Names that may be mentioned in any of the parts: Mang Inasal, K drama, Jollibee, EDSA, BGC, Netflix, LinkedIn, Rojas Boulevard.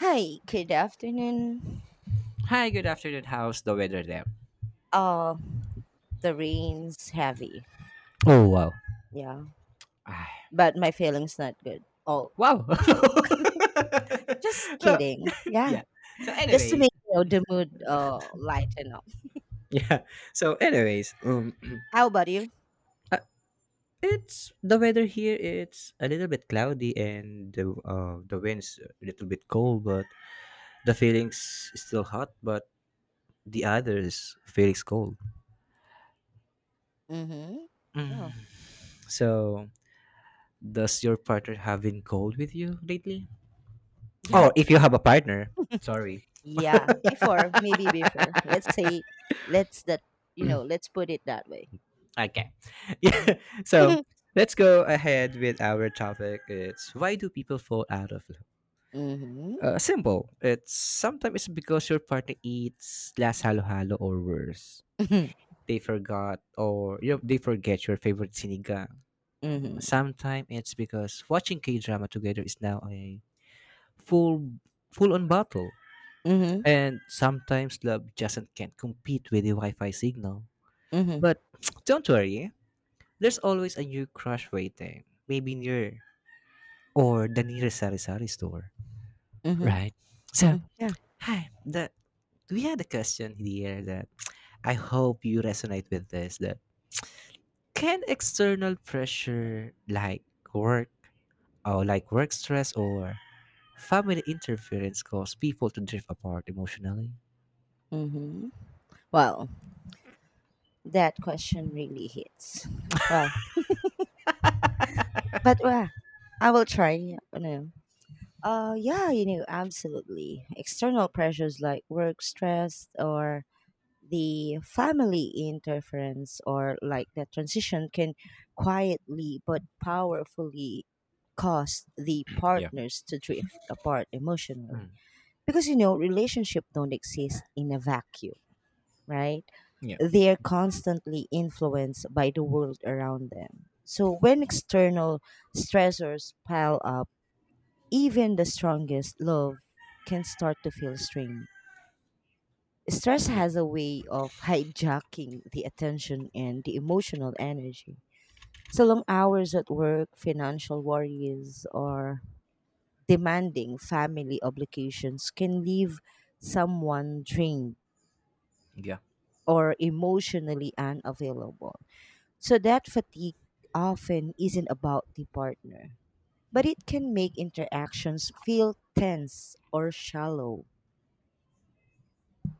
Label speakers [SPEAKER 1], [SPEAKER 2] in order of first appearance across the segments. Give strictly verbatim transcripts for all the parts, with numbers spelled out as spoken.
[SPEAKER 1] Hi, good afternoon.
[SPEAKER 2] Hi, good afternoon. How's the weather there?
[SPEAKER 1] Uh, the rain's heavy.
[SPEAKER 2] Oh wow.
[SPEAKER 1] Yeah,
[SPEAKER 2] Ah,
[SPEAKER 1] but my feeling's not good. Oh,
[SPEAKER 2] wow.
[SPEAKER 1] joke. Just
[SPEAKER 2] so
[SPEAKER 1] kidding. Yeah,
[SPEAKER 2] yeah. So
[SPEAKER 1] just to
[SPEAKER 2] anyways,
[SPEAKER 1] make you know, the mood uh lighten up.
[SPEAKER 2] yeah. So anyways, um,
[SPEAKER 1] How about you?
[SPEAKER 2] uh, it's the weather here. It's a little bit cloudy and the uh, the wind's a little bit cold, but the feeling's still hot. But the others feeling's cold.
[SPEAKER 1] Mm-hmm.
[SPEAKER 2] Mm.
[SPEAKER 1] Oh,
[SPEAKER 2] So does your partner have been cold with you lately?
[SPEAKER 1] yeah,
[SPEAKER 2] Oh, if you have a partner. Sorry.
[SPEAKER 1] yeah. Before, maybe before. Let's say, let's that you know, let's put it that way.
[SPEAKER 2] Okay. Yeah.
[SPEAKER 1] Mm-hmm.
[SPEAKER 2] So let's go ahead with our topic. It's, why do people fall out of love?
[SPEAKER 1] Mm-hmm.
[SPEAKER 2] Uh, simple. It's sometimes it's because your partner eats last halo halo or worse.
[SPEAKER 1] Mm-hmm.
[SPEAKER 2] They forgot or you know, they forget your favorite sinigang.
[SPEAKER 1] Mm-hmm.
[SPEAKER 2] Sometimes it's because watching K drama together is now a full full on battle.
[SPEAKER 1] Mm-hmm.
[SPEAKER 2] And sometimes love just can't compete with the Wi-Fi signal.
[SPEAKER 1] Mm-hmm.
[SPEAKER 2] But don't worry, there's always a new crush waiting. Maybe near or the nearest sari-sari store.
[SPEAKER 1] Mm-hmm.
[SPEAKER 2] Right. So,
[SPEAKER 1] Yeah.
[SPEAKER 2] hi, the we had a question here that I hope you resonate with this, that can external pressure like work or like work stress or family interference cause people to drift apart emotionally?
[SPEAKER 1] Mm-hmm. Well, That question really hits. Well, but uh, I will try. You know. Uh, yeah, you know, absolutely. External pressures like work stress or the family interference or like the transition can quietly but powerfully cause the
[SPEAKER 2] Yeah.
[SPEAKER 1] partners to drift apart emotionally.
[SPEAKER 2] Mm.
[SPEAKER 1] Because you know, relationship don't exist in a vacuum, right?
[SPEAKER 2] Yeah.
[SPEAKER 1] They are constantly influenced by the world around them. So when external stressors pile up, even the strongest love can start to feel strained. Stress
[SPEAKER 2] Yeah.
[SPEAKER 1] has a way of hijacking the attention and the emotional energy. So long hours at work, financial worries, or demanding family obligations can leave someone drained
[SPEAKER 2] Yeah.
[SPEAKER 1] or emotionally unavailable. So that fatigue often isn't about the partner, but it can make interactions feel tense or shallow.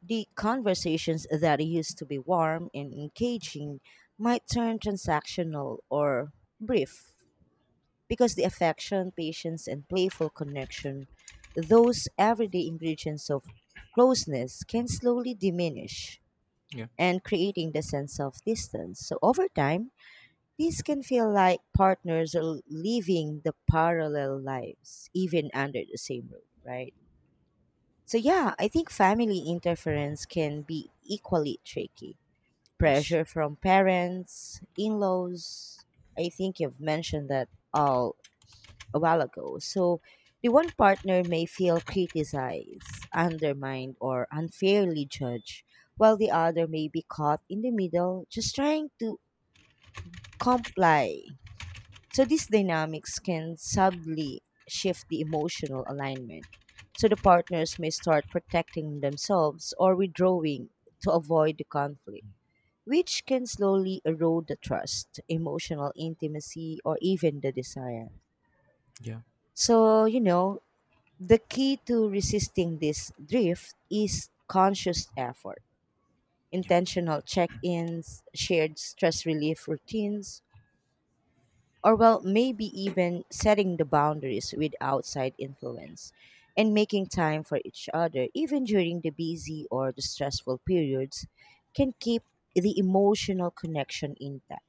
[SPEAKER 1] The conversations that used to be warm and engaging might turn transactional or brief because the affection, patience, and playful connection, those everyday ingredients of closeness, can slowly diminish
[SPEAKER 2] Yeah.
[SPEAKER 1] and creating the sense of distance. So over time, these can feel like partners are living the parallel lives, even under the same roof, right? So, yeah, I think family interference can be equally tricky.
[SPEAKER 2] Yes.
[SPEAKER 1] Pressure from parents, in laws, I think you've mentioned that all a while ago. So, the one partner may feel criticized, undermined, or unfairly judged, while the other may be caught in the middle just trying to comply. So these dynamics can subtly shift the emotional alignment. So the partners may start protecting themselves or withdrawing to avoid the conflict, which can slowly erode the trust, emotional intimacy, or even the desire.
[SPEAKER 2] Yeah.
[SPEAKER 1] So, you know, the key to resisting this drift is conscious effort,
[SPEAKER 2] Yeah.
[SPEAKER 1] intentional check ins, shared stress relief routines, or well, maybe even setting the boundaries with outside influence and making time for each other, even during the busy or the stressful periods, can keep the emotional connection intact.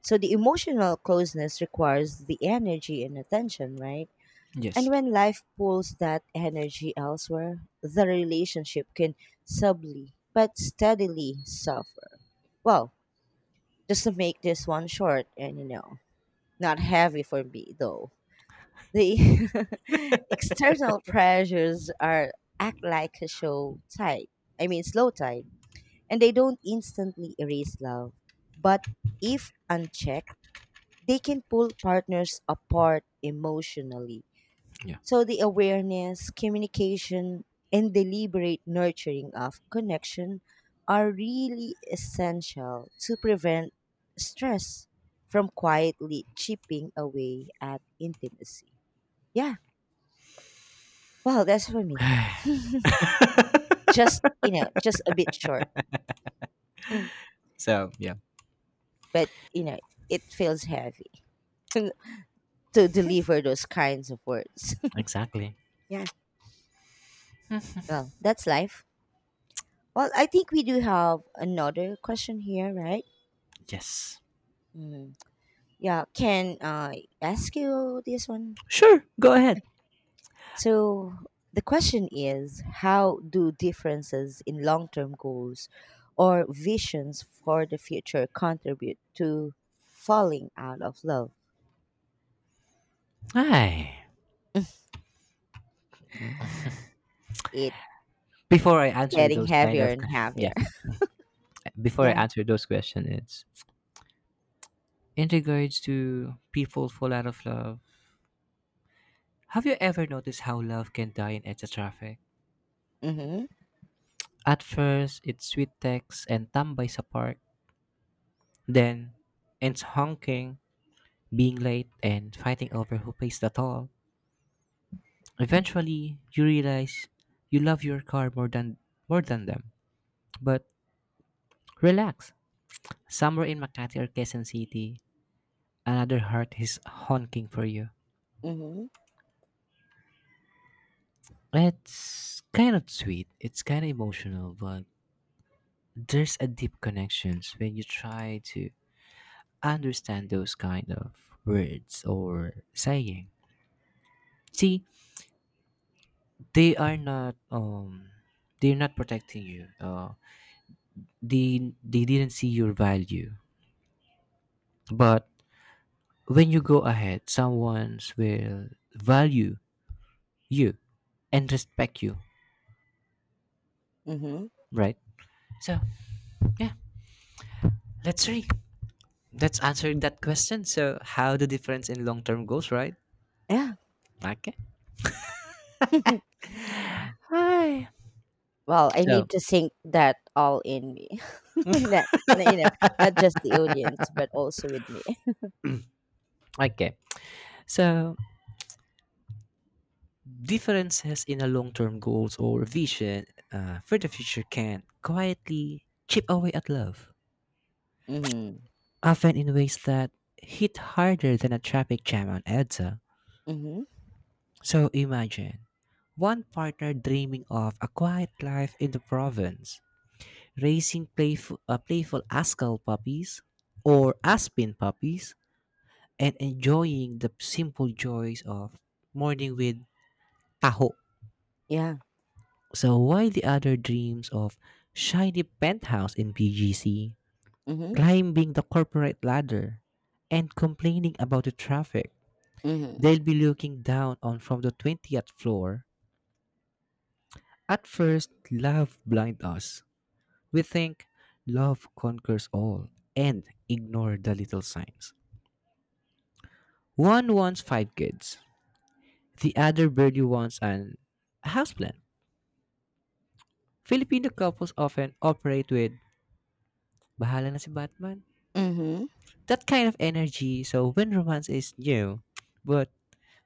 [SPEAKER 1] So the emotional closeness requires the energy and attention, right?
[SPEAKER 2] Yes.
[SPEAKER 1] And when life pulls that energy elsewhere, the relationship can subtly but steadily suffer. Well, just to make this one short and you know, not heavy for me though. The external pressures are act like a show tide. I mean, slow tide, and they don't instantly erase love. But if unchecked, they can pull partners apart emotionally.
[SPEAKER 2] Yeah.
[SPEAKER 1] So the awareness, communication, and deliberate nurturing of connection are really essential to prevent stress from quietly chipping away at intimacy. Yeah. Well, that's for me. Just you know, just a bit short. Mm.
[SPEAKER 2] so yeah.
[SPEAKER 1] But you know, it feels heavy to deliver those kinds of words.
[SPEAKER 2] Exactly.
[SPEAKER 1] Yeah. Well, that's life. Well, I think we do have another question here, right?
[SPEAKER 2] Yes.
[SPEAKER 1] Mm. Yeah, can I ask you this one?
[SPEAKER 2] Sure. Go ahead.
[SPEAKER 1] So the question is, how do differences in long-term goals or visions for the future contribute to falling out of love?
[SPEAKER 2] Hi.
[SPEAKER 1] It.
[SPEAKER 2] Before I answer
[SPEAKER 1] Getting
[SPEAKER 2] those kind of
[SPEAKER 1] heavier and
[SPEAKER 2] yeah,
[SPEAKER 1] heavier.
[SPEAKER 2] before I
[SPEAKER 1] Yeah.
[SPEAKER 2] answer those questions, it's in regards to people fall out of love. Have you ever noticed how love can die in E D S A traffic?
[SPEAKER 1] Mm-hmm.
[SPEAKER 2] At first, it's sweet text and tambay sa park. Then, it's honking, being late, and fighting over who pays the toll. Eventually, you realize you love your car more than more than them. But relax. Somewhere in Makati or Quezon City, another heart is honking for you.
[SPEAKER 1] Mm-hmm.
[SPEAKER 2] It's kind of sweet. It's kind of emotional, but there's a deep connections when you try to understand those kind of words or saying. See, they are not um they're not protecting you. Uh, they they didn't see your value, but when you go ahead, someone will value you and respect you,
[SPEAKER 1] Mm-hmm.
[SPEAKER 2] right? So yeah, let's see. Let's answer that question. So how the difference in long term goals, right?
[SPEAKER 1] Yeah.
[SPEAKER 2] Okay. Hi.
[SPEAKER 1] Well, I
[SPEAKER 2] So
[SPEAKER 1] need to sink that all in me. not, not, you know, not just the audience, but also with me.
[SPEAKER 2] okay. So differences in a long term goals or vision uh, for the future can quietly chip away at love,
[SPEAKER 1] Mm-hmm.
[SPEAKER 2] often in ways that hit harder than a traffic jam on E D S A.
[SPEAKER 1] Mm-hmm.
[SPEAKER 2] So imagine one partner dreaming of a quiet life in the province, raising playful, uh, playful Ascal puppies or Aspen puppies, and enjoying the simple joys of morning with taho.
[SPEAKER 1] Yeah.
[SPEAKER 2] So while the other dreams of shiny penthouse in B G C,
[SPEAKER 1] Mm-hmm.
[SPEAKER 2] climbing the corporate ladder, and complaining about the traffic,
[SPEAKER 1] Mm-hmm.
[SPEAKER 2] they'll be looking down on from the twentieth floor. At first, love blind us. We think love conquers all and ignore the little signs. One wants five kids, the other barely wants an houseplant. Filipino couples often operate with bahala na si Batman.
[SPEAKER 1] Mm-hmm.
[SPEAKER 2] That kind of energy, so when romance is new, but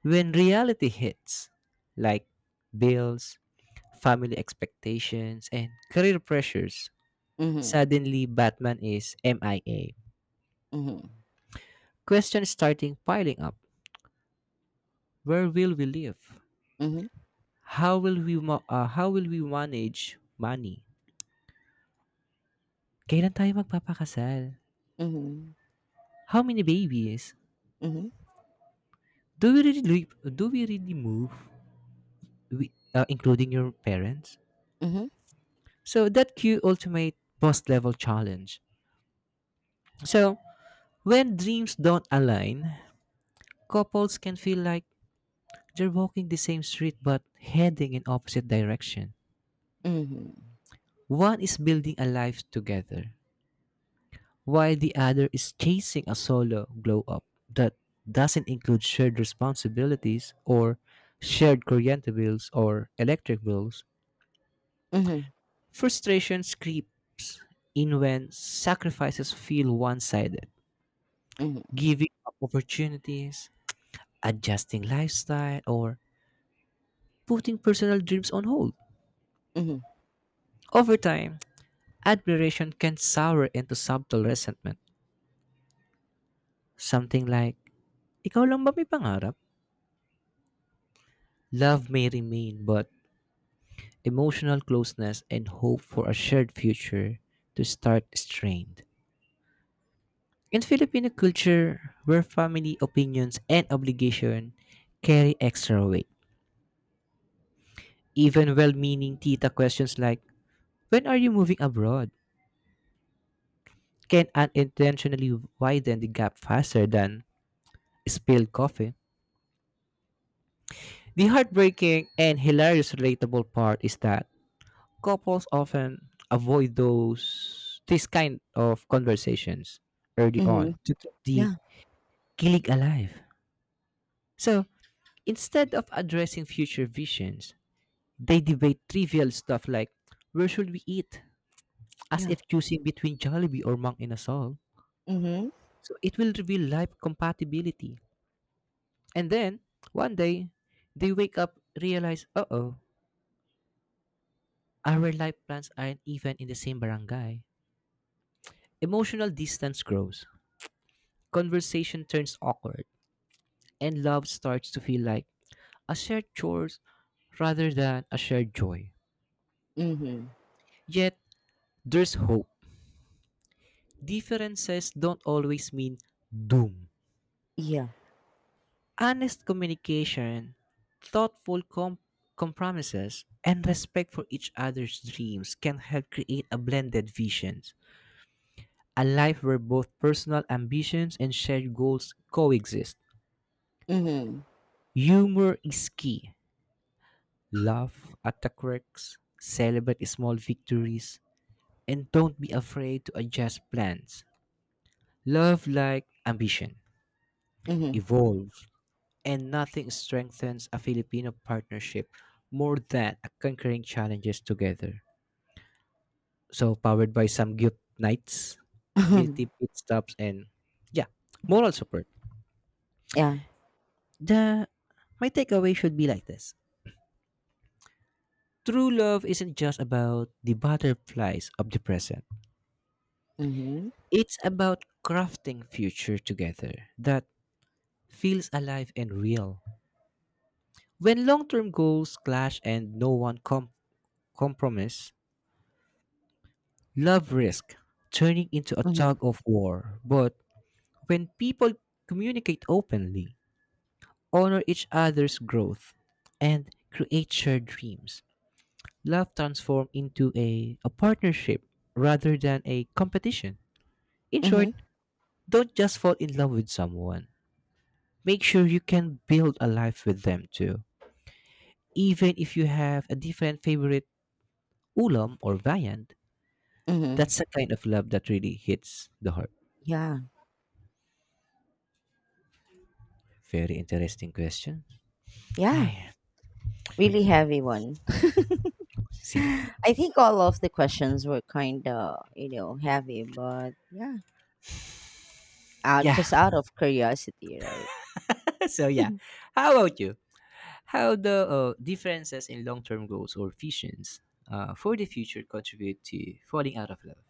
[SPEAKER 2] when reality hits, like bills, family expectations, and career pressures,
[SPEAKER 1] Mm-hmm.
[SPEAKER 2] suddenly Batman is M I A.
[SPEAKER 1] Mhm.
[SPEAKER 2] Questions starting piling up. Where will we live?
[SPEAKER 1] Mhm.
[SPEAKER 2] How will we ma- uh, how will we manage money? Kailan tayo magpapakasal?
[SPEAKER 1] Mhm.
[SPEAKER 2] How many babies?
[SPEAKER 1] Mhm.
[SPEAKER 2] Do we really live, do we really move we, uh, including your parents?
[SPEAKER 1] Mhm.
[SPEAKER 2] So that cue ultimate post level challenge. So when dreams don't align, couples can feel like they're walking the same street but heading in opposite direction.
[SPEAKER 1] Mhm.
[SPEAKER 2] One is building a life together, while the other is chasing a solo glow up that doesn't include shared responsibilities or shared corriente bills or electric bills,
[SPEAKER 1] Mhm.
[SPEAKER 2] frustration creeps in when sacrifices feel one sided,
[SPEAKER 1] Mhm.
[SPEAKER 2] giving up opportunities, adjusting lifestyle, or putting personal dreams on hold.
[SPEAKER 1] Mhm.
[SPEAKER 2] Over time, admiration can sour into subtle resentment, something like, Ikaw lang ba may pangarap? Love may remain, but emotional closeness and hope for a shared future to start strained. In Filipino culture, where family opinions and obligation carry extra weight, even well-meaning tita questions like, when are you moving abroad? Can unintentionally widen the gap faster than spilled coffee. The heartbreaking and hilarious relatable part is that couples often avoid those this kind of conversations early
[SPEAKER 1] Mhm.
[SPEAKER 2] on to keep the
[SPEAKER 1] Yeah,
[SPEAKER 2] Kilig Alive. So, instead of addressing future visions, they debate trivial stuff like where should we eat, as
[SPEAKER 1] yeah.
[SPEAKER 2] if choosing between Jollibee or Mang Inasal.
[SPEAKER 1] Mhm.
[SPEAKER 2] So, it will reveal life compatibility. And then, one day, they wake up, realize, uh oh, our life plans aren't even in the same barangay. Emotional distance grows, conversation turns awkward, and love starts to feel like a shared chores rather than a shared joy.
[SPEAKER 1] Mhm.
[SPEAKER 2] Yet, there's hope. Differences don't always mean doom.
[SPEAKER 1] Yeah.
[SPEAKER 2] Honest communication, thoughtful com- compromises, and respect for each other's dreams can help create a blended vision, a life where both personal ambitions and shared goals coexist.
[SPEAKER 1] Mhm.
[SPEAKER 2] Humor is key. Laugh at the quirks, celebrate small victories, and don't be afraid to adjust plans. Love like ambition.
[SPEAKER 1] Mhm.
[SPEAKER 2] Evolve. And nothing strengthens a Filipino partnership more than a conquering challenges together. So powered by some good nights, multi pit stops, and yeah, moral support.
[SPEAKER 1] Yeah.
[SPEAKER 2] The My takeaway should be like this: true love isn't just about the butterflies of the present.
[SPEAKER 1] Mhm.
[SPEAKER 2] It's about crafting future together that feels alive and real. When long-term goals clash and no one com- compromise, love risk turning into a
[SPEAKER 1] Mhm.
[SPEAKER 2] tug of war, but when people communicate openly, honor each other's growth, and create shared dreams, love transforms into a, a partnership rather than a competition. In short,
[SPEAKER 1] Mhm.
[SPEAKER 2] don't just fall in love with someone. Make sure you can build a life with them too. Even if you have a different favorite ulam or viand,
[SPEAKER 1] Mhm.
[SPEAKER 2] that's the kind of love that really hits the heart.
[SPEAKER 1] Yeah.
[SPEAKER 2] Very interesting question.
[SPEAKER 1] Yeah.
[SPEAKER 2] Ay,
[SPEAKER 1] Really heavy one.
[SPEAKER 2] see?
[SPEAKER 1] I think all of the questions were kind of, you know, heavy, but yeah, out,
[SPEAKER 2] Yeah.
[SPEAKER 1] just out of curiosity, right?
[SPEAKER 2] so yeah. How about you? How the uh, differences in long-term goals or visions uh, for the future contribute to falling out of love?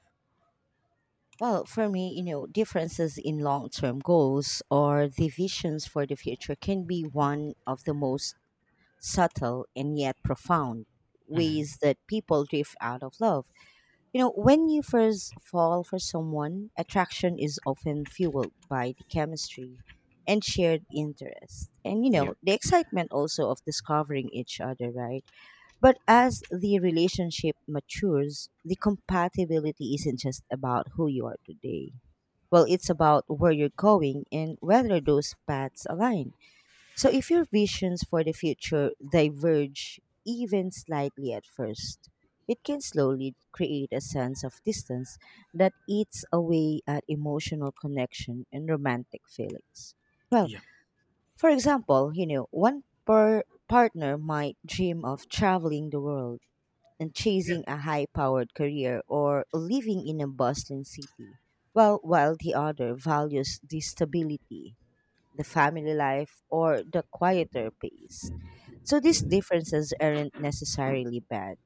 [SPEAKER 1] Well, for me, you know, differences in long term goals or the visions for the future can be one of the most subtle and yet profound
[SPEAKER 2] Hmm.
[SPEAKER 1] ways that people drift out of love. You know, when you first fall for someone, attraction is often fueled by the chemistry and shared interest. And, you know, the excitement also of discovering each other, right? But as the relationship matures, the compatibility isn't just about who you are today. Well, it's about where you're going and whether those paths align. So, if your visions for the future diverge even slightly at first, it can slowly create a sense of distance that eats away at emotional connection and romantic feelings. Well,
[SPEAKER 2] Yeah.
[SPEAKER 1] for example, you know, one per partner might dream of traveling the world and
[SPEAKER 2] Yeah.
[SPEAKER 1] chasing a high powered career or living in a bustling city, while, while the other values the stability, the family life, or the quieter pace. So these differences aren't necessarily bad,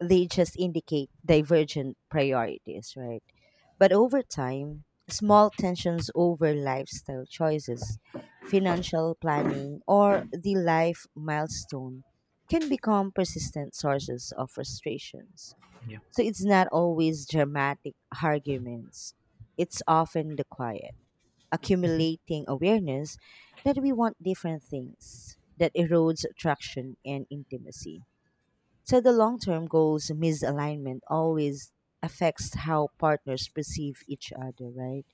[SPEAKER 1] they just indicate divergent priorities, right? But over time, small tensions over lifestyle choices, financial planning, or the life milestone can become persistent sources of frustrations.
[SPEAKER 2] Yeah.
[SPEAKER 1] So it's not always dramatic arguments, it's often the quiet, accumulating awareness that we want different things that erodes attraction and intimacy. So the long term goals misalignment always affects how partners perceive each other, right?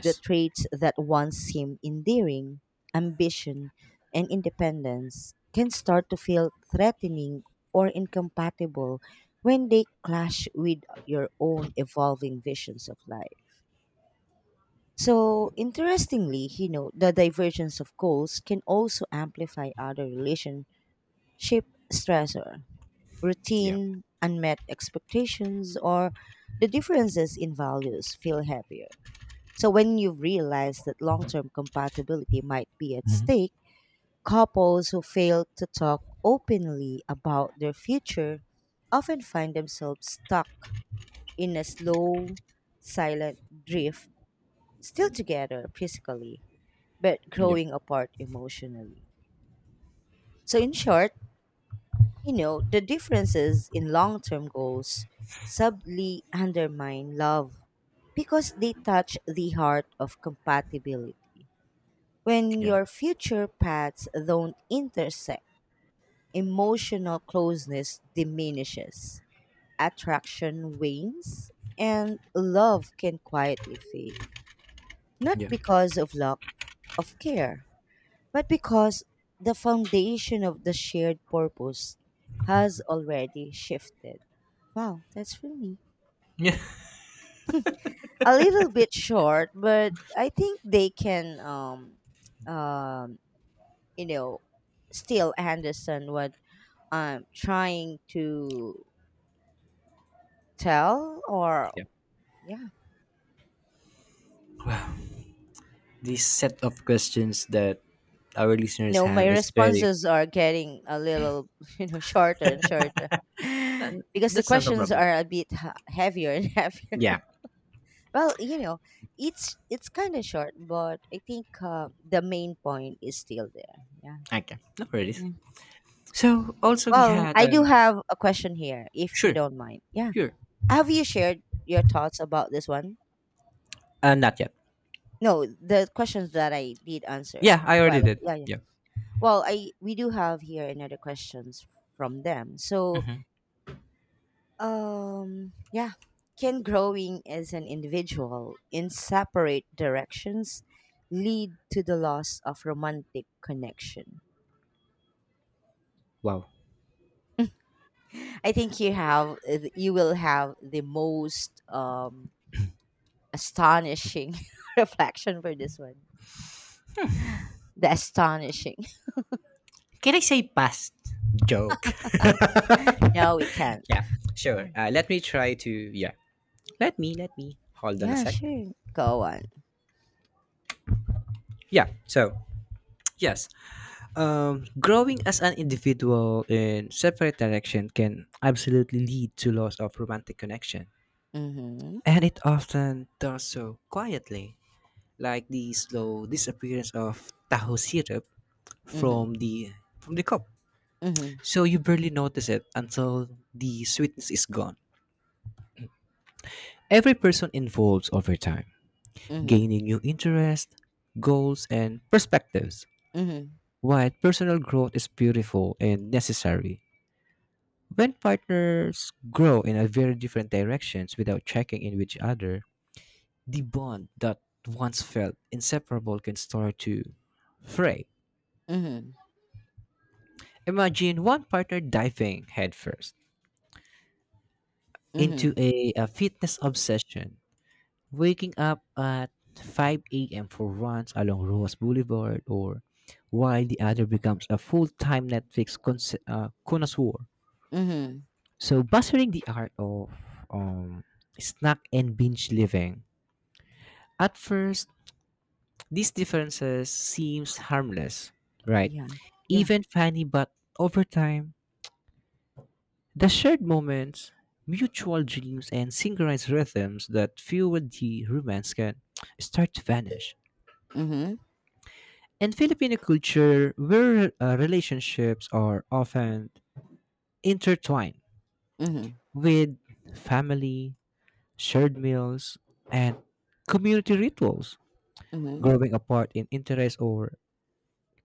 [SPEAKER 1] The traits that once seemed endearing, ambition, and independence can start to feel threatening or incompatible when they clash with your own evolving visions of life. So, interestingly, you know, the divergence of goals can also amplify other relationship stressor
[SPEAKER 2] Yeah.
[SPEAKER 1] routine, unmet expectations, or the differences in values feel heavier. So, when you realize that long term compatibility might be at
[SPEAKER 2] Hmm.
[SPEAKER 1] stake, couples who fail to talk openly about their future often find themselves stuck in a slow, silent drift, still together physically, but
[SPEAKER 2] Yeah.
[SPEAKER 1] growing apart emotionally. So, in short, you know, the differences in long term goals subtly undermine love because they touch the heart of compatibility. When
[SPEAKER 2] Yeah.
[SPEAKER 1] your future paths don't intersect, emotional closeness diminishes, attraction wanes, and love can quietly fade. Not
[SPEAKER 2] Yeah.
[SPEAKER 1] because of lack of care, but because the foundation of the shared purpose has already shifted. Wow, that's really
[SPEAKER 2] Yeah.
[SPEAKER 1] a little bit short, but I think they can um um you know still understand what I'm trying to tell or
[SPEAKER 2] Yeah.
[SPEAKER 1] yeah.
[SPEAKER 2] This set of questions that our
[SPEAKER 1] You
[SPEAKER 2] listeners
[SPEAKER 1] know, my
[SPEAKER 2] have is very.
[SPEAKER 1] responses are getting a little, you know, shorter and shorter
[SPEAKER 2] And
[SPEAKER 1] because the
[SPEAKER 2] that's not a
[SPEAKER 1] questions
[SPEAKER 2] problem.
[SPEAKER 1] are a bit ha- heavier and heavier.
[SPEAKER 2] Yeah.
[SPEAKER 1] Well, you know, it's it's kind of short, but I think uh, the main point is still there. Yeah.
[SPEAKER 2] Okay. No worries.
[SPEAKER 1] Yeah.
[SPEAKER 2] So also we
[SPEAKER 1] Well,
[SPEAKER 2] had
[SPEAKER 1] I do
[SPEAKER 2] um.
[SPEAKER 1] have a question here, if you
[SPEAKER 2] Sure.
[SPEAKER 1] don't mind. Yeah.
[SPEAKER 2] Sure.
[SPEAKER 1] Have you shared your thoughts about this one?
[SPEAKER 2] Uh, not yet.
[SPEAKER 1] No, the questions that I did answer a
[SPEAKER 2] Yeah, I already
[SPEAKER 1] while ago.
[SPEAKER 2] did.
[SPEAKER 1] Yeah, yeah.
[SPEAKER 2] Yeah.
[SPEAKER 1] Well, I we do have here another questions from them. So,
[SPEAKER 2] Hmm.
[SPEAKER 1] um, yeah. Can growing as an individual in separate directions lead to the loss of romantic connection?
[SPEAKER 2] Wow.
[SPEAKER 1] I think you have you will have the most um astonishing reflection for this one. The astonishing.
[SPEAKER 2] Can I say past? Joke.
[SPEAKER 1] No, we can't.
[SPEAKER 2] yeah,
[SPEAKER 1] Yeah,
[SPEAKER 2] sure. Uh, let me try to. Yeah, let me, let me. Hold on a
[SPEAKER 1] Yeah,
[SPEAKER 2] sec.
[SPEAKER 1] sure. Go on.
[SPEAKER 2] Yeah, so, yes. Um, growing as an individual in separate direction can absolutely lead to loss of romantic connection.
[SPEAKER 1] Mm-hmm.
[SPEAKER 2] And it often does so quietly, like the slow disappearance of taho syrup
[SPEAKER 1] Mm-hmm.
[SPEAKER 2] from the from the cup.
[SPEAKER 1] Mm-hmm.
[SPEAKER 2] So you barely notice it until the sweetness is gone. Every person evolves over time,
[SPEAKER 1] Mm-hmm.
[SPEAKER 2] gaining new interests, goals, and perspectives.
[SPEAKER 1] Mm-hmm.
[SPEAKER 2] While personal growth is beautiful and necessary, when partners grow in a very different directions without checking in with each other, the bond that once felt inseparable can start to fray.
[SPEAKER 1] Mm-hmm.
[SPEAKER 2] Imagine one partner diving headfirst
[SPEAKER 1] Mm-hmm.
[SPEAKER 2] into a, a fitness obsession. Waking up at five a m for runs along Rojas Boulevard or while the other becomes a full-time Netflix cons- uh, connoisseur.
[SPEAKER 1] Mm-hmm.
[SPEAKER 2] So buzzing the art of um, snack and binge living. At first, these differences seems harmless, right?
[SPEAKER 1] Yeah. Yeah.
[SPEAKER 2] Even funny, but over time, the shared moments, mutual dreams, and synchronized rhythms that fueled the romance can start to vanish.
[SPEAKER 1] Mm-hmm.
[SPEAKER 2] In Filipino culture, where uh, relationships are often intertwined
[SPEAKER 1] Mm-hmm.
[SPEAKER 2] with family, shared meals, and community rituals,
[SPEAKER 1] Mm-hmm.
[SPEAKER 2] growing apart in interests or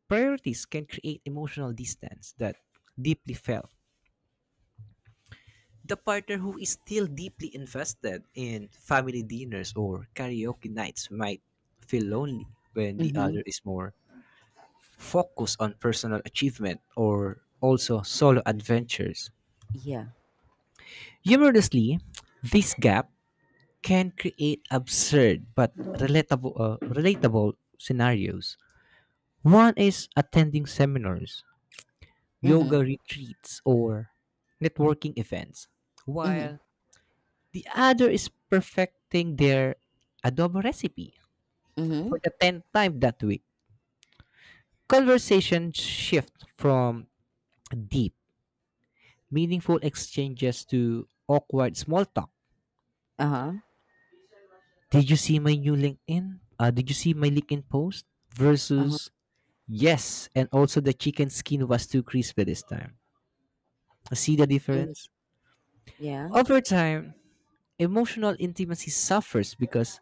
[SPEAKER 2] priorities can create emotional distance that deeply felt. The partner who is still deeply invested in family dinners or karaoke nights might feel lonely when the
[SPEAKER 1] Mm-hmm.
[SPEAKER 2] other is more focused on personal achievement or also solo adventures.
[SPEAKER 1] Yeah.
[SPEAKER 2] Humorously, this gap can create absurd but relatable, uh, relatable scenarios. One is attending seminars,
[SPEAKER 1] Mm-hmm.
[SPEAKER 2] yoga retreats, or networking events,
[SPEAKER 1] Mm-hmm.
[SPEAKER 2] while the other is perfecting their adobo recipe for
[SPEAKER 1] Mm-hmm.
[SPEAKER 2] the tenth time that week. Conversations shift from deep, meaningful exchanges to awkward small talk.
[SPEAKER 1] Uh-huh.
[SPEAKER 2] Did you see my new LinkedIn? Uh, did you see my LinkedIn post
[SPEAKER 1] Uh-huh.
[SPEAKER 2] versus yes? And also the chicken skin was too crispy this time. Uh, See the
[SPEAKER 1] Mm-hmm.
[SPEAKER 2] difference?
[SPEAKER 1] Yeah.
[SPEAKER 2] Over time, emotional intimacy suffers because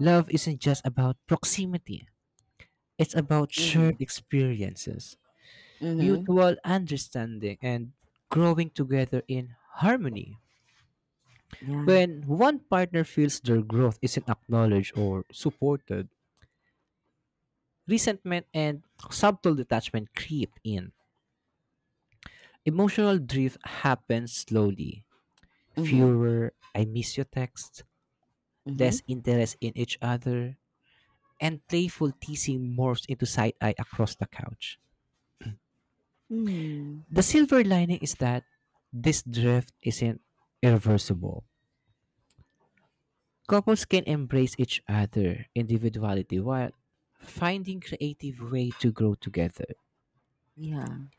[SPEAKER 2] love isn't just about proximity. It's about
[SPEAKER 1] Mm-hmm.
[SPEAKER 2] shared experiences,
[SPEAKER 1] Mm-hmm.
[SPEAKER 2] mutual understanding, and growing together in harmony.
[SPEAKER 1] Yeah.
[SPEAKER 2] When one partner feels their growth isn't acknowledged or supported, resentment and subtle detachment creep in. Emotional drift happens slowly.
[SPEAKER 1] Mhm.
[SPEAKER 2] Fewer I miss you texts,
[SPEAKER 1] Mhm.
[SPEAKER 2] less interest in each other, and playful teasing morphs into side eye across the couch.
[SPEAKER 1] Mm.
[SPEAKER 2] The silver lining is that this drift isn't irreversible. Couples can embrace each other individuality while finding creative way to grow together.
[SPEAKER 1] Yeah.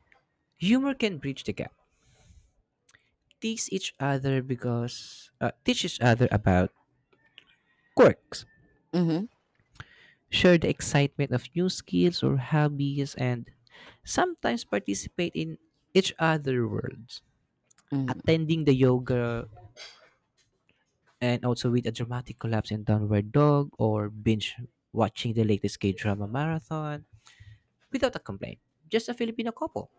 [SPEAKER 2] Humor can bridge the gap tease each other because uh, teach each other about quirks,
[SPEAKER 1] Mhm.
[SPEAKER 2] share the excitement of new skills or hobbies, and sometimes participate in each other worlds.
[SPEAKER 1] Mhm.
[SPEAKER 2] Attending the yoga and also with a dramatic collapse in downward dog or binge watching the latest K drama marathon without a complaint. Just a Filipino couple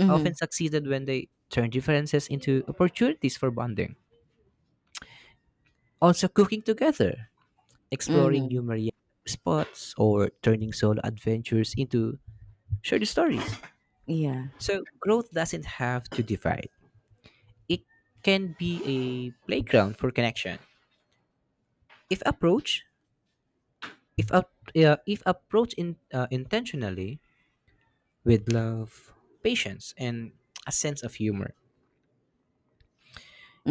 [SPEAKER 1] Mhm.
[SPEAKER 2] often succeeded when they turn differences into opportunities for bonding. Also, cooking together, exploring new
[SPEAKER 1] Mhm.
[SPEAKER 2] marine spots, or turning solo adventures into shared stories.
[SPEAKER 1] Yeah.
[SPEAKER 2] So, growth doesn't have to divide. It can be a playground for connection. If approach, if up, uh, if approached in, uh, intentionally with love, patience, and a sense of humor.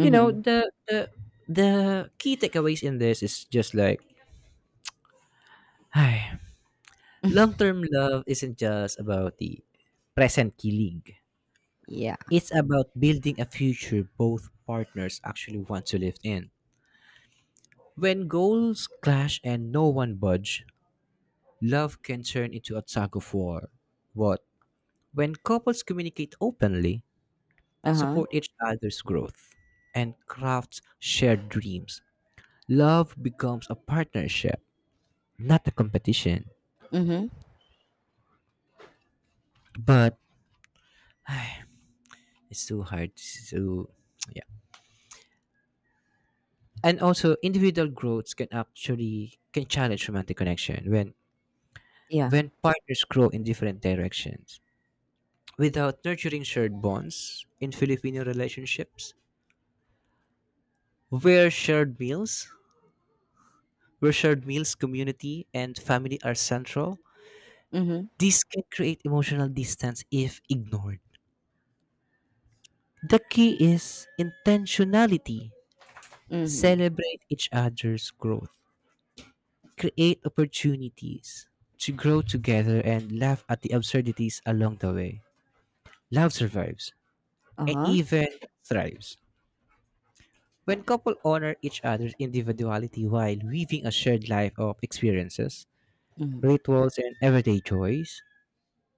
[SPEAKER 2] You know, the the the key takeaways in this is just like, long-term love isn't just about the present kilig.
[SPEAKER 1] Yeah.
[SPEAKER 2] It's about building a future both partners actually want to live in. When goals clash and no one budge, love can turn into a tug of war. But when couples communicate openly,
[SPEAKER 1] Uh-huh.
[SPEAKER 2] support each other's growth, and craft shared dreams, love becomes a partnership, not a competition.
[SPEAKER 1] Mhm.
[SPEAKER 2] But it's too hard to yeah, and also individual growths can actually can challenge romantic connection when
[SPEAKER 1] Yeah.
[SPEAKER 2] when partners grow in different directions. Without nurturing shared bonds in Filipino relationships, where shared meals, where shared meals, community, and family are central,
[SPEAKER 1] Mhm.
[SPEAKER 2] this can create emotional distance if ignored. The key is intentionality.
[SPEAKER 1] Mhm.
[SPEAKER 2] Celebrate each other's growth. Create opportunities to grow together and laugh at the absurdities along the way. Love survives and
[SPEAKER 1] Uh-huh.
[SPEAKER 2] even thrives when couple honor each other's individuality while weaving a shared life of experiences,
[SPEAKER 1] Mhm.
[SPEAKER 2] rituals, and everyday joys.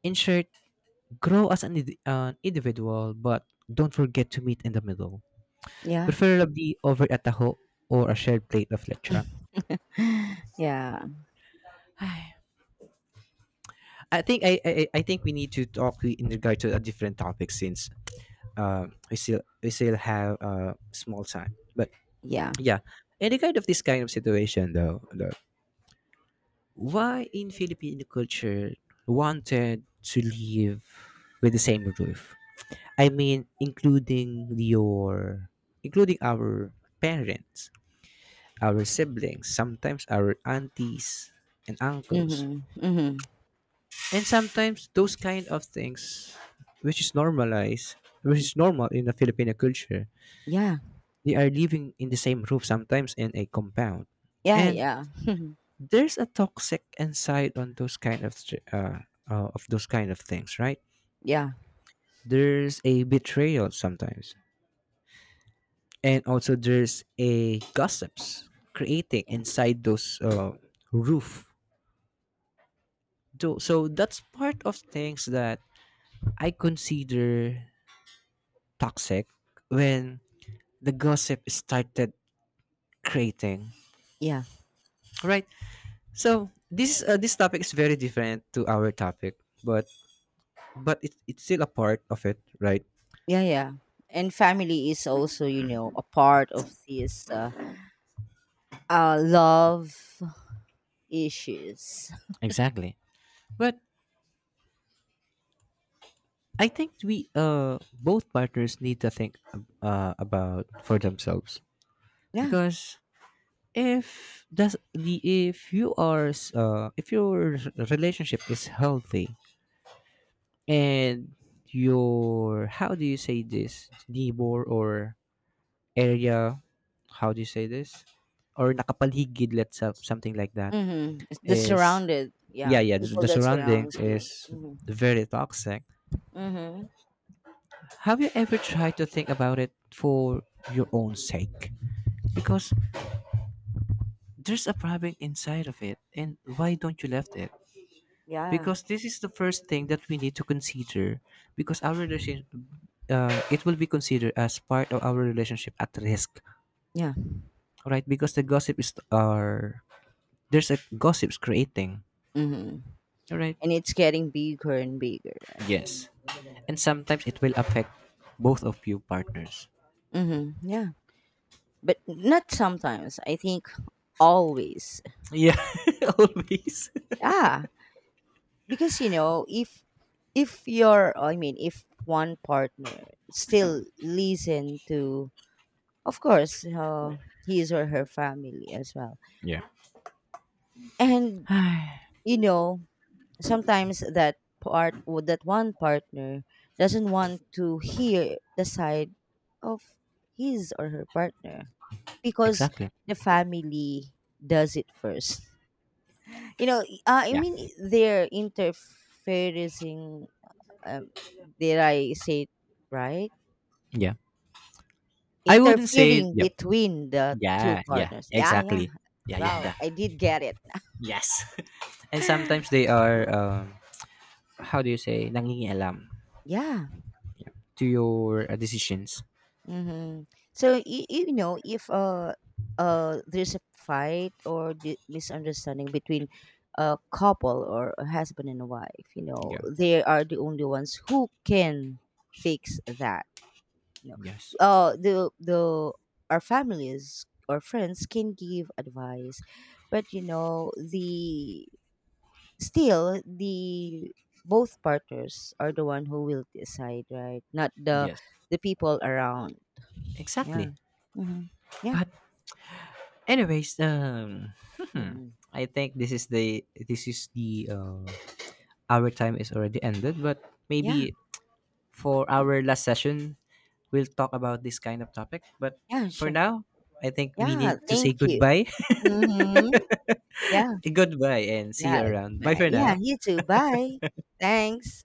[SPEAKER 2] In short, grow as an, indi- an individual, but don't forget to meet in the middle,
[SPEAKER 1] Yeah.
[SPEAKER 2] preferably over a taho or a shared plate of lechon.
[SPEAKER 1] Yeah.
[SPEAKER 2] Ay, I think I, I I I think we need to talk in regard to a different topic since uh we still we still have uh small time. But
[SPEAKER 1] Yeah.
[SPEAKER 2] yeah, in regard of this kind of situation, though, though why in Filipino culture wanted to live with the same roof? I mean, including your, including our parents, our siblings, sometimes our aunties and uncles,
[SPEAKER 1] Mhm. Mhm.
[SPEAKER 2] and sometimes those kind of things, which is normalized, which is normal in the Filipino culture.
[SPEAKER 1] Yeah.
[SPEAKER 2] They are living in the same roof sometimes in a compound,
[SPEAKER 1] Yeah,
[SPEAKER 2] and
[SPEAKER 1] yeah.
[SPEAKER 2] there's a toxic inside on those kind of str- uh, uh, of those kind of things, right?
[SPEAKER 1] Yeah.
[SPEAKER 2] There's a betrayal sometimes, and also there's a gossips creating
[SPEAKER 1] Yeah.
[SPEAKER 2] inside those uh, roof. So, so that's part of things that I consider toxic when the gossip started creating,
[SPEAKER 1] Yeah.
[SPEAKER 2] right? So this uh, this topic is very different to our topic, but but it, it's still a part of it, right?
[SPEAKER 1] Yeah, yeah. And family is also, you know, a part of these uh, uh love issues.
[SPEAKER 2] Exactly. But I think we uh both partners need to think uh about for themselves,
[SPEAKER 1] Yeah.
[SPEAKER 2] because if does the if you are s- uh if your relationship is healthy, and your, how do you say this, neighbor or area, how do you say this, or nakapaligid, let's say something like that,
[SPEAKER 1] Mm-hmm. It's the
[SPEAKER 2] is,
[SPEAKER 1] surrounded,
[SPEAKER 2] yeah
[SPEAKER 1] yeah,
[SPEAKER 2] yeah the,
[SPEAKER 1] people
[SPEAKER 2] the
[SPEAKER 1] that
[SPEAKER 2] surroundings
[SPEAKER 1] surrounds you.
[SPEAKER 2] is
[SPEAKER 1] Mm-hmm.
[SPEAKER 2] very toxic.
[SPEAKER 1] Mm-hmm.
[SPEAKER 2] Have you ever tried to think about it for your own sake? Because there's a problem inside of it, and why don't you left it?
[SPEAKER 1] Yeah.
[SPEAKER 2] Because this is the first thing that we need to consider. Because our relationship, uh, it will be considered as part of our relationship at risk,
[SPEAKER 1] Yeah.
[SPEAKER 2] right? Because the gossip is are, there's a gossips creating,
[SPEAKER 1] Mm-hmm.
[SPEAKER 2] all right?
[SPEAKER 1] And it's getting bigger and bigger.
[SPEAKER 2] Yes, and sometimes it will affect both of you partners.
[SPEAKER 1] Mm-hmm. Yeah. But not sometimes. I think always.
[SPEAKER 2] Yeah, always.
[SPEAKER 1] Ah, because you know, if if you're, I mean, if one partner still listen to, of course, uh, his or her family as well,
[SPEAKER 2] Yeah.
[SPEAKER 1] and you know, sometimes that part or that one partner doesn't want to hear the side of his or her partner because
[SPEAKER 2] Exactly.
[SPEAKER 1] the family does it first. You know, uh, I
[SPEAKER 2] Yeah.
[SPEAKER 1] mean, they're interfering. um, did I say it right?
[SPEAKER 2] Yeah. I wouldn't say
[SPEAKER 1] Interfering
[SPEAKER 2] yep.
[SPEAKER 1] between the two
[SPEAKER 2] Yeah, yeah.
[SPEAKER 1] partners, yeah, yeah.
[SPEAKER 2] Exactly. Yeah, yeah,
[SPEAKER 1] Well,
[SPEAKER 2] yeah.
[SPEAKER 1] I did get it.
[SPEAKER 2] Yes. And sometimes they are, um, how do you say, nangingialam
[SPEAKER 1] Yeah.
[SPEAKER 2] to your uh, decisions.
[SPEAKER 1] Mm-hmm. So you, you know, if uh uh there's a fight or di- misunderstanding between a couple or a husband and a wife, you know
[SPEAKER 2] Yeah.
[SPEAKER 1] they are the only ones who can fix that. You know,
[SPEAKER 2] Yes.
[SPEAKER 1] uh the the our families or friends can give advice, but you know the still the both partners are the one who will decide, right? Not the
[SPEAKER 2] Yes.
[SPEAKER 1] the people around. Yeah.
[SPEAKER 2] Exactly.
[SPEAKER 1] Mhm. Yeah.
[SPEAKER 2] But anyways, um,
[SPEAKER 1] Mhm.
[SPEAKER 2] I think this is the this is the uh, our time is already ended, but
[SPEAKER 1] Yeah.
[SPEAKER 2] maybe for our last session we'll talk about this kind of topic, but
[SPEAKER 1] Yeah,
[SPEAKER 2] for
[SPEAKER 1] sure.
[SPEAKER 2] now, I think we
[SPEAKER 1] Yeah,
[SPEAKER 2] need to say
[SPEAKER 1] thank you.
[SPEAKER 2] goodbye.
[SPEAKER 1] Mhm. Yeah.
[SPEAKER 2] Goodbye and see you
[SPEAKER 1] Yeah.
[SPEAKER 2] around. Bye
[SPEAKER 1] Goodbye.
[SPEAKER 2] for
[SPEAKER 1] Yeah,
[SPEAKER 2] now.
[SPEAKER 1] you too. Bye. Thanks.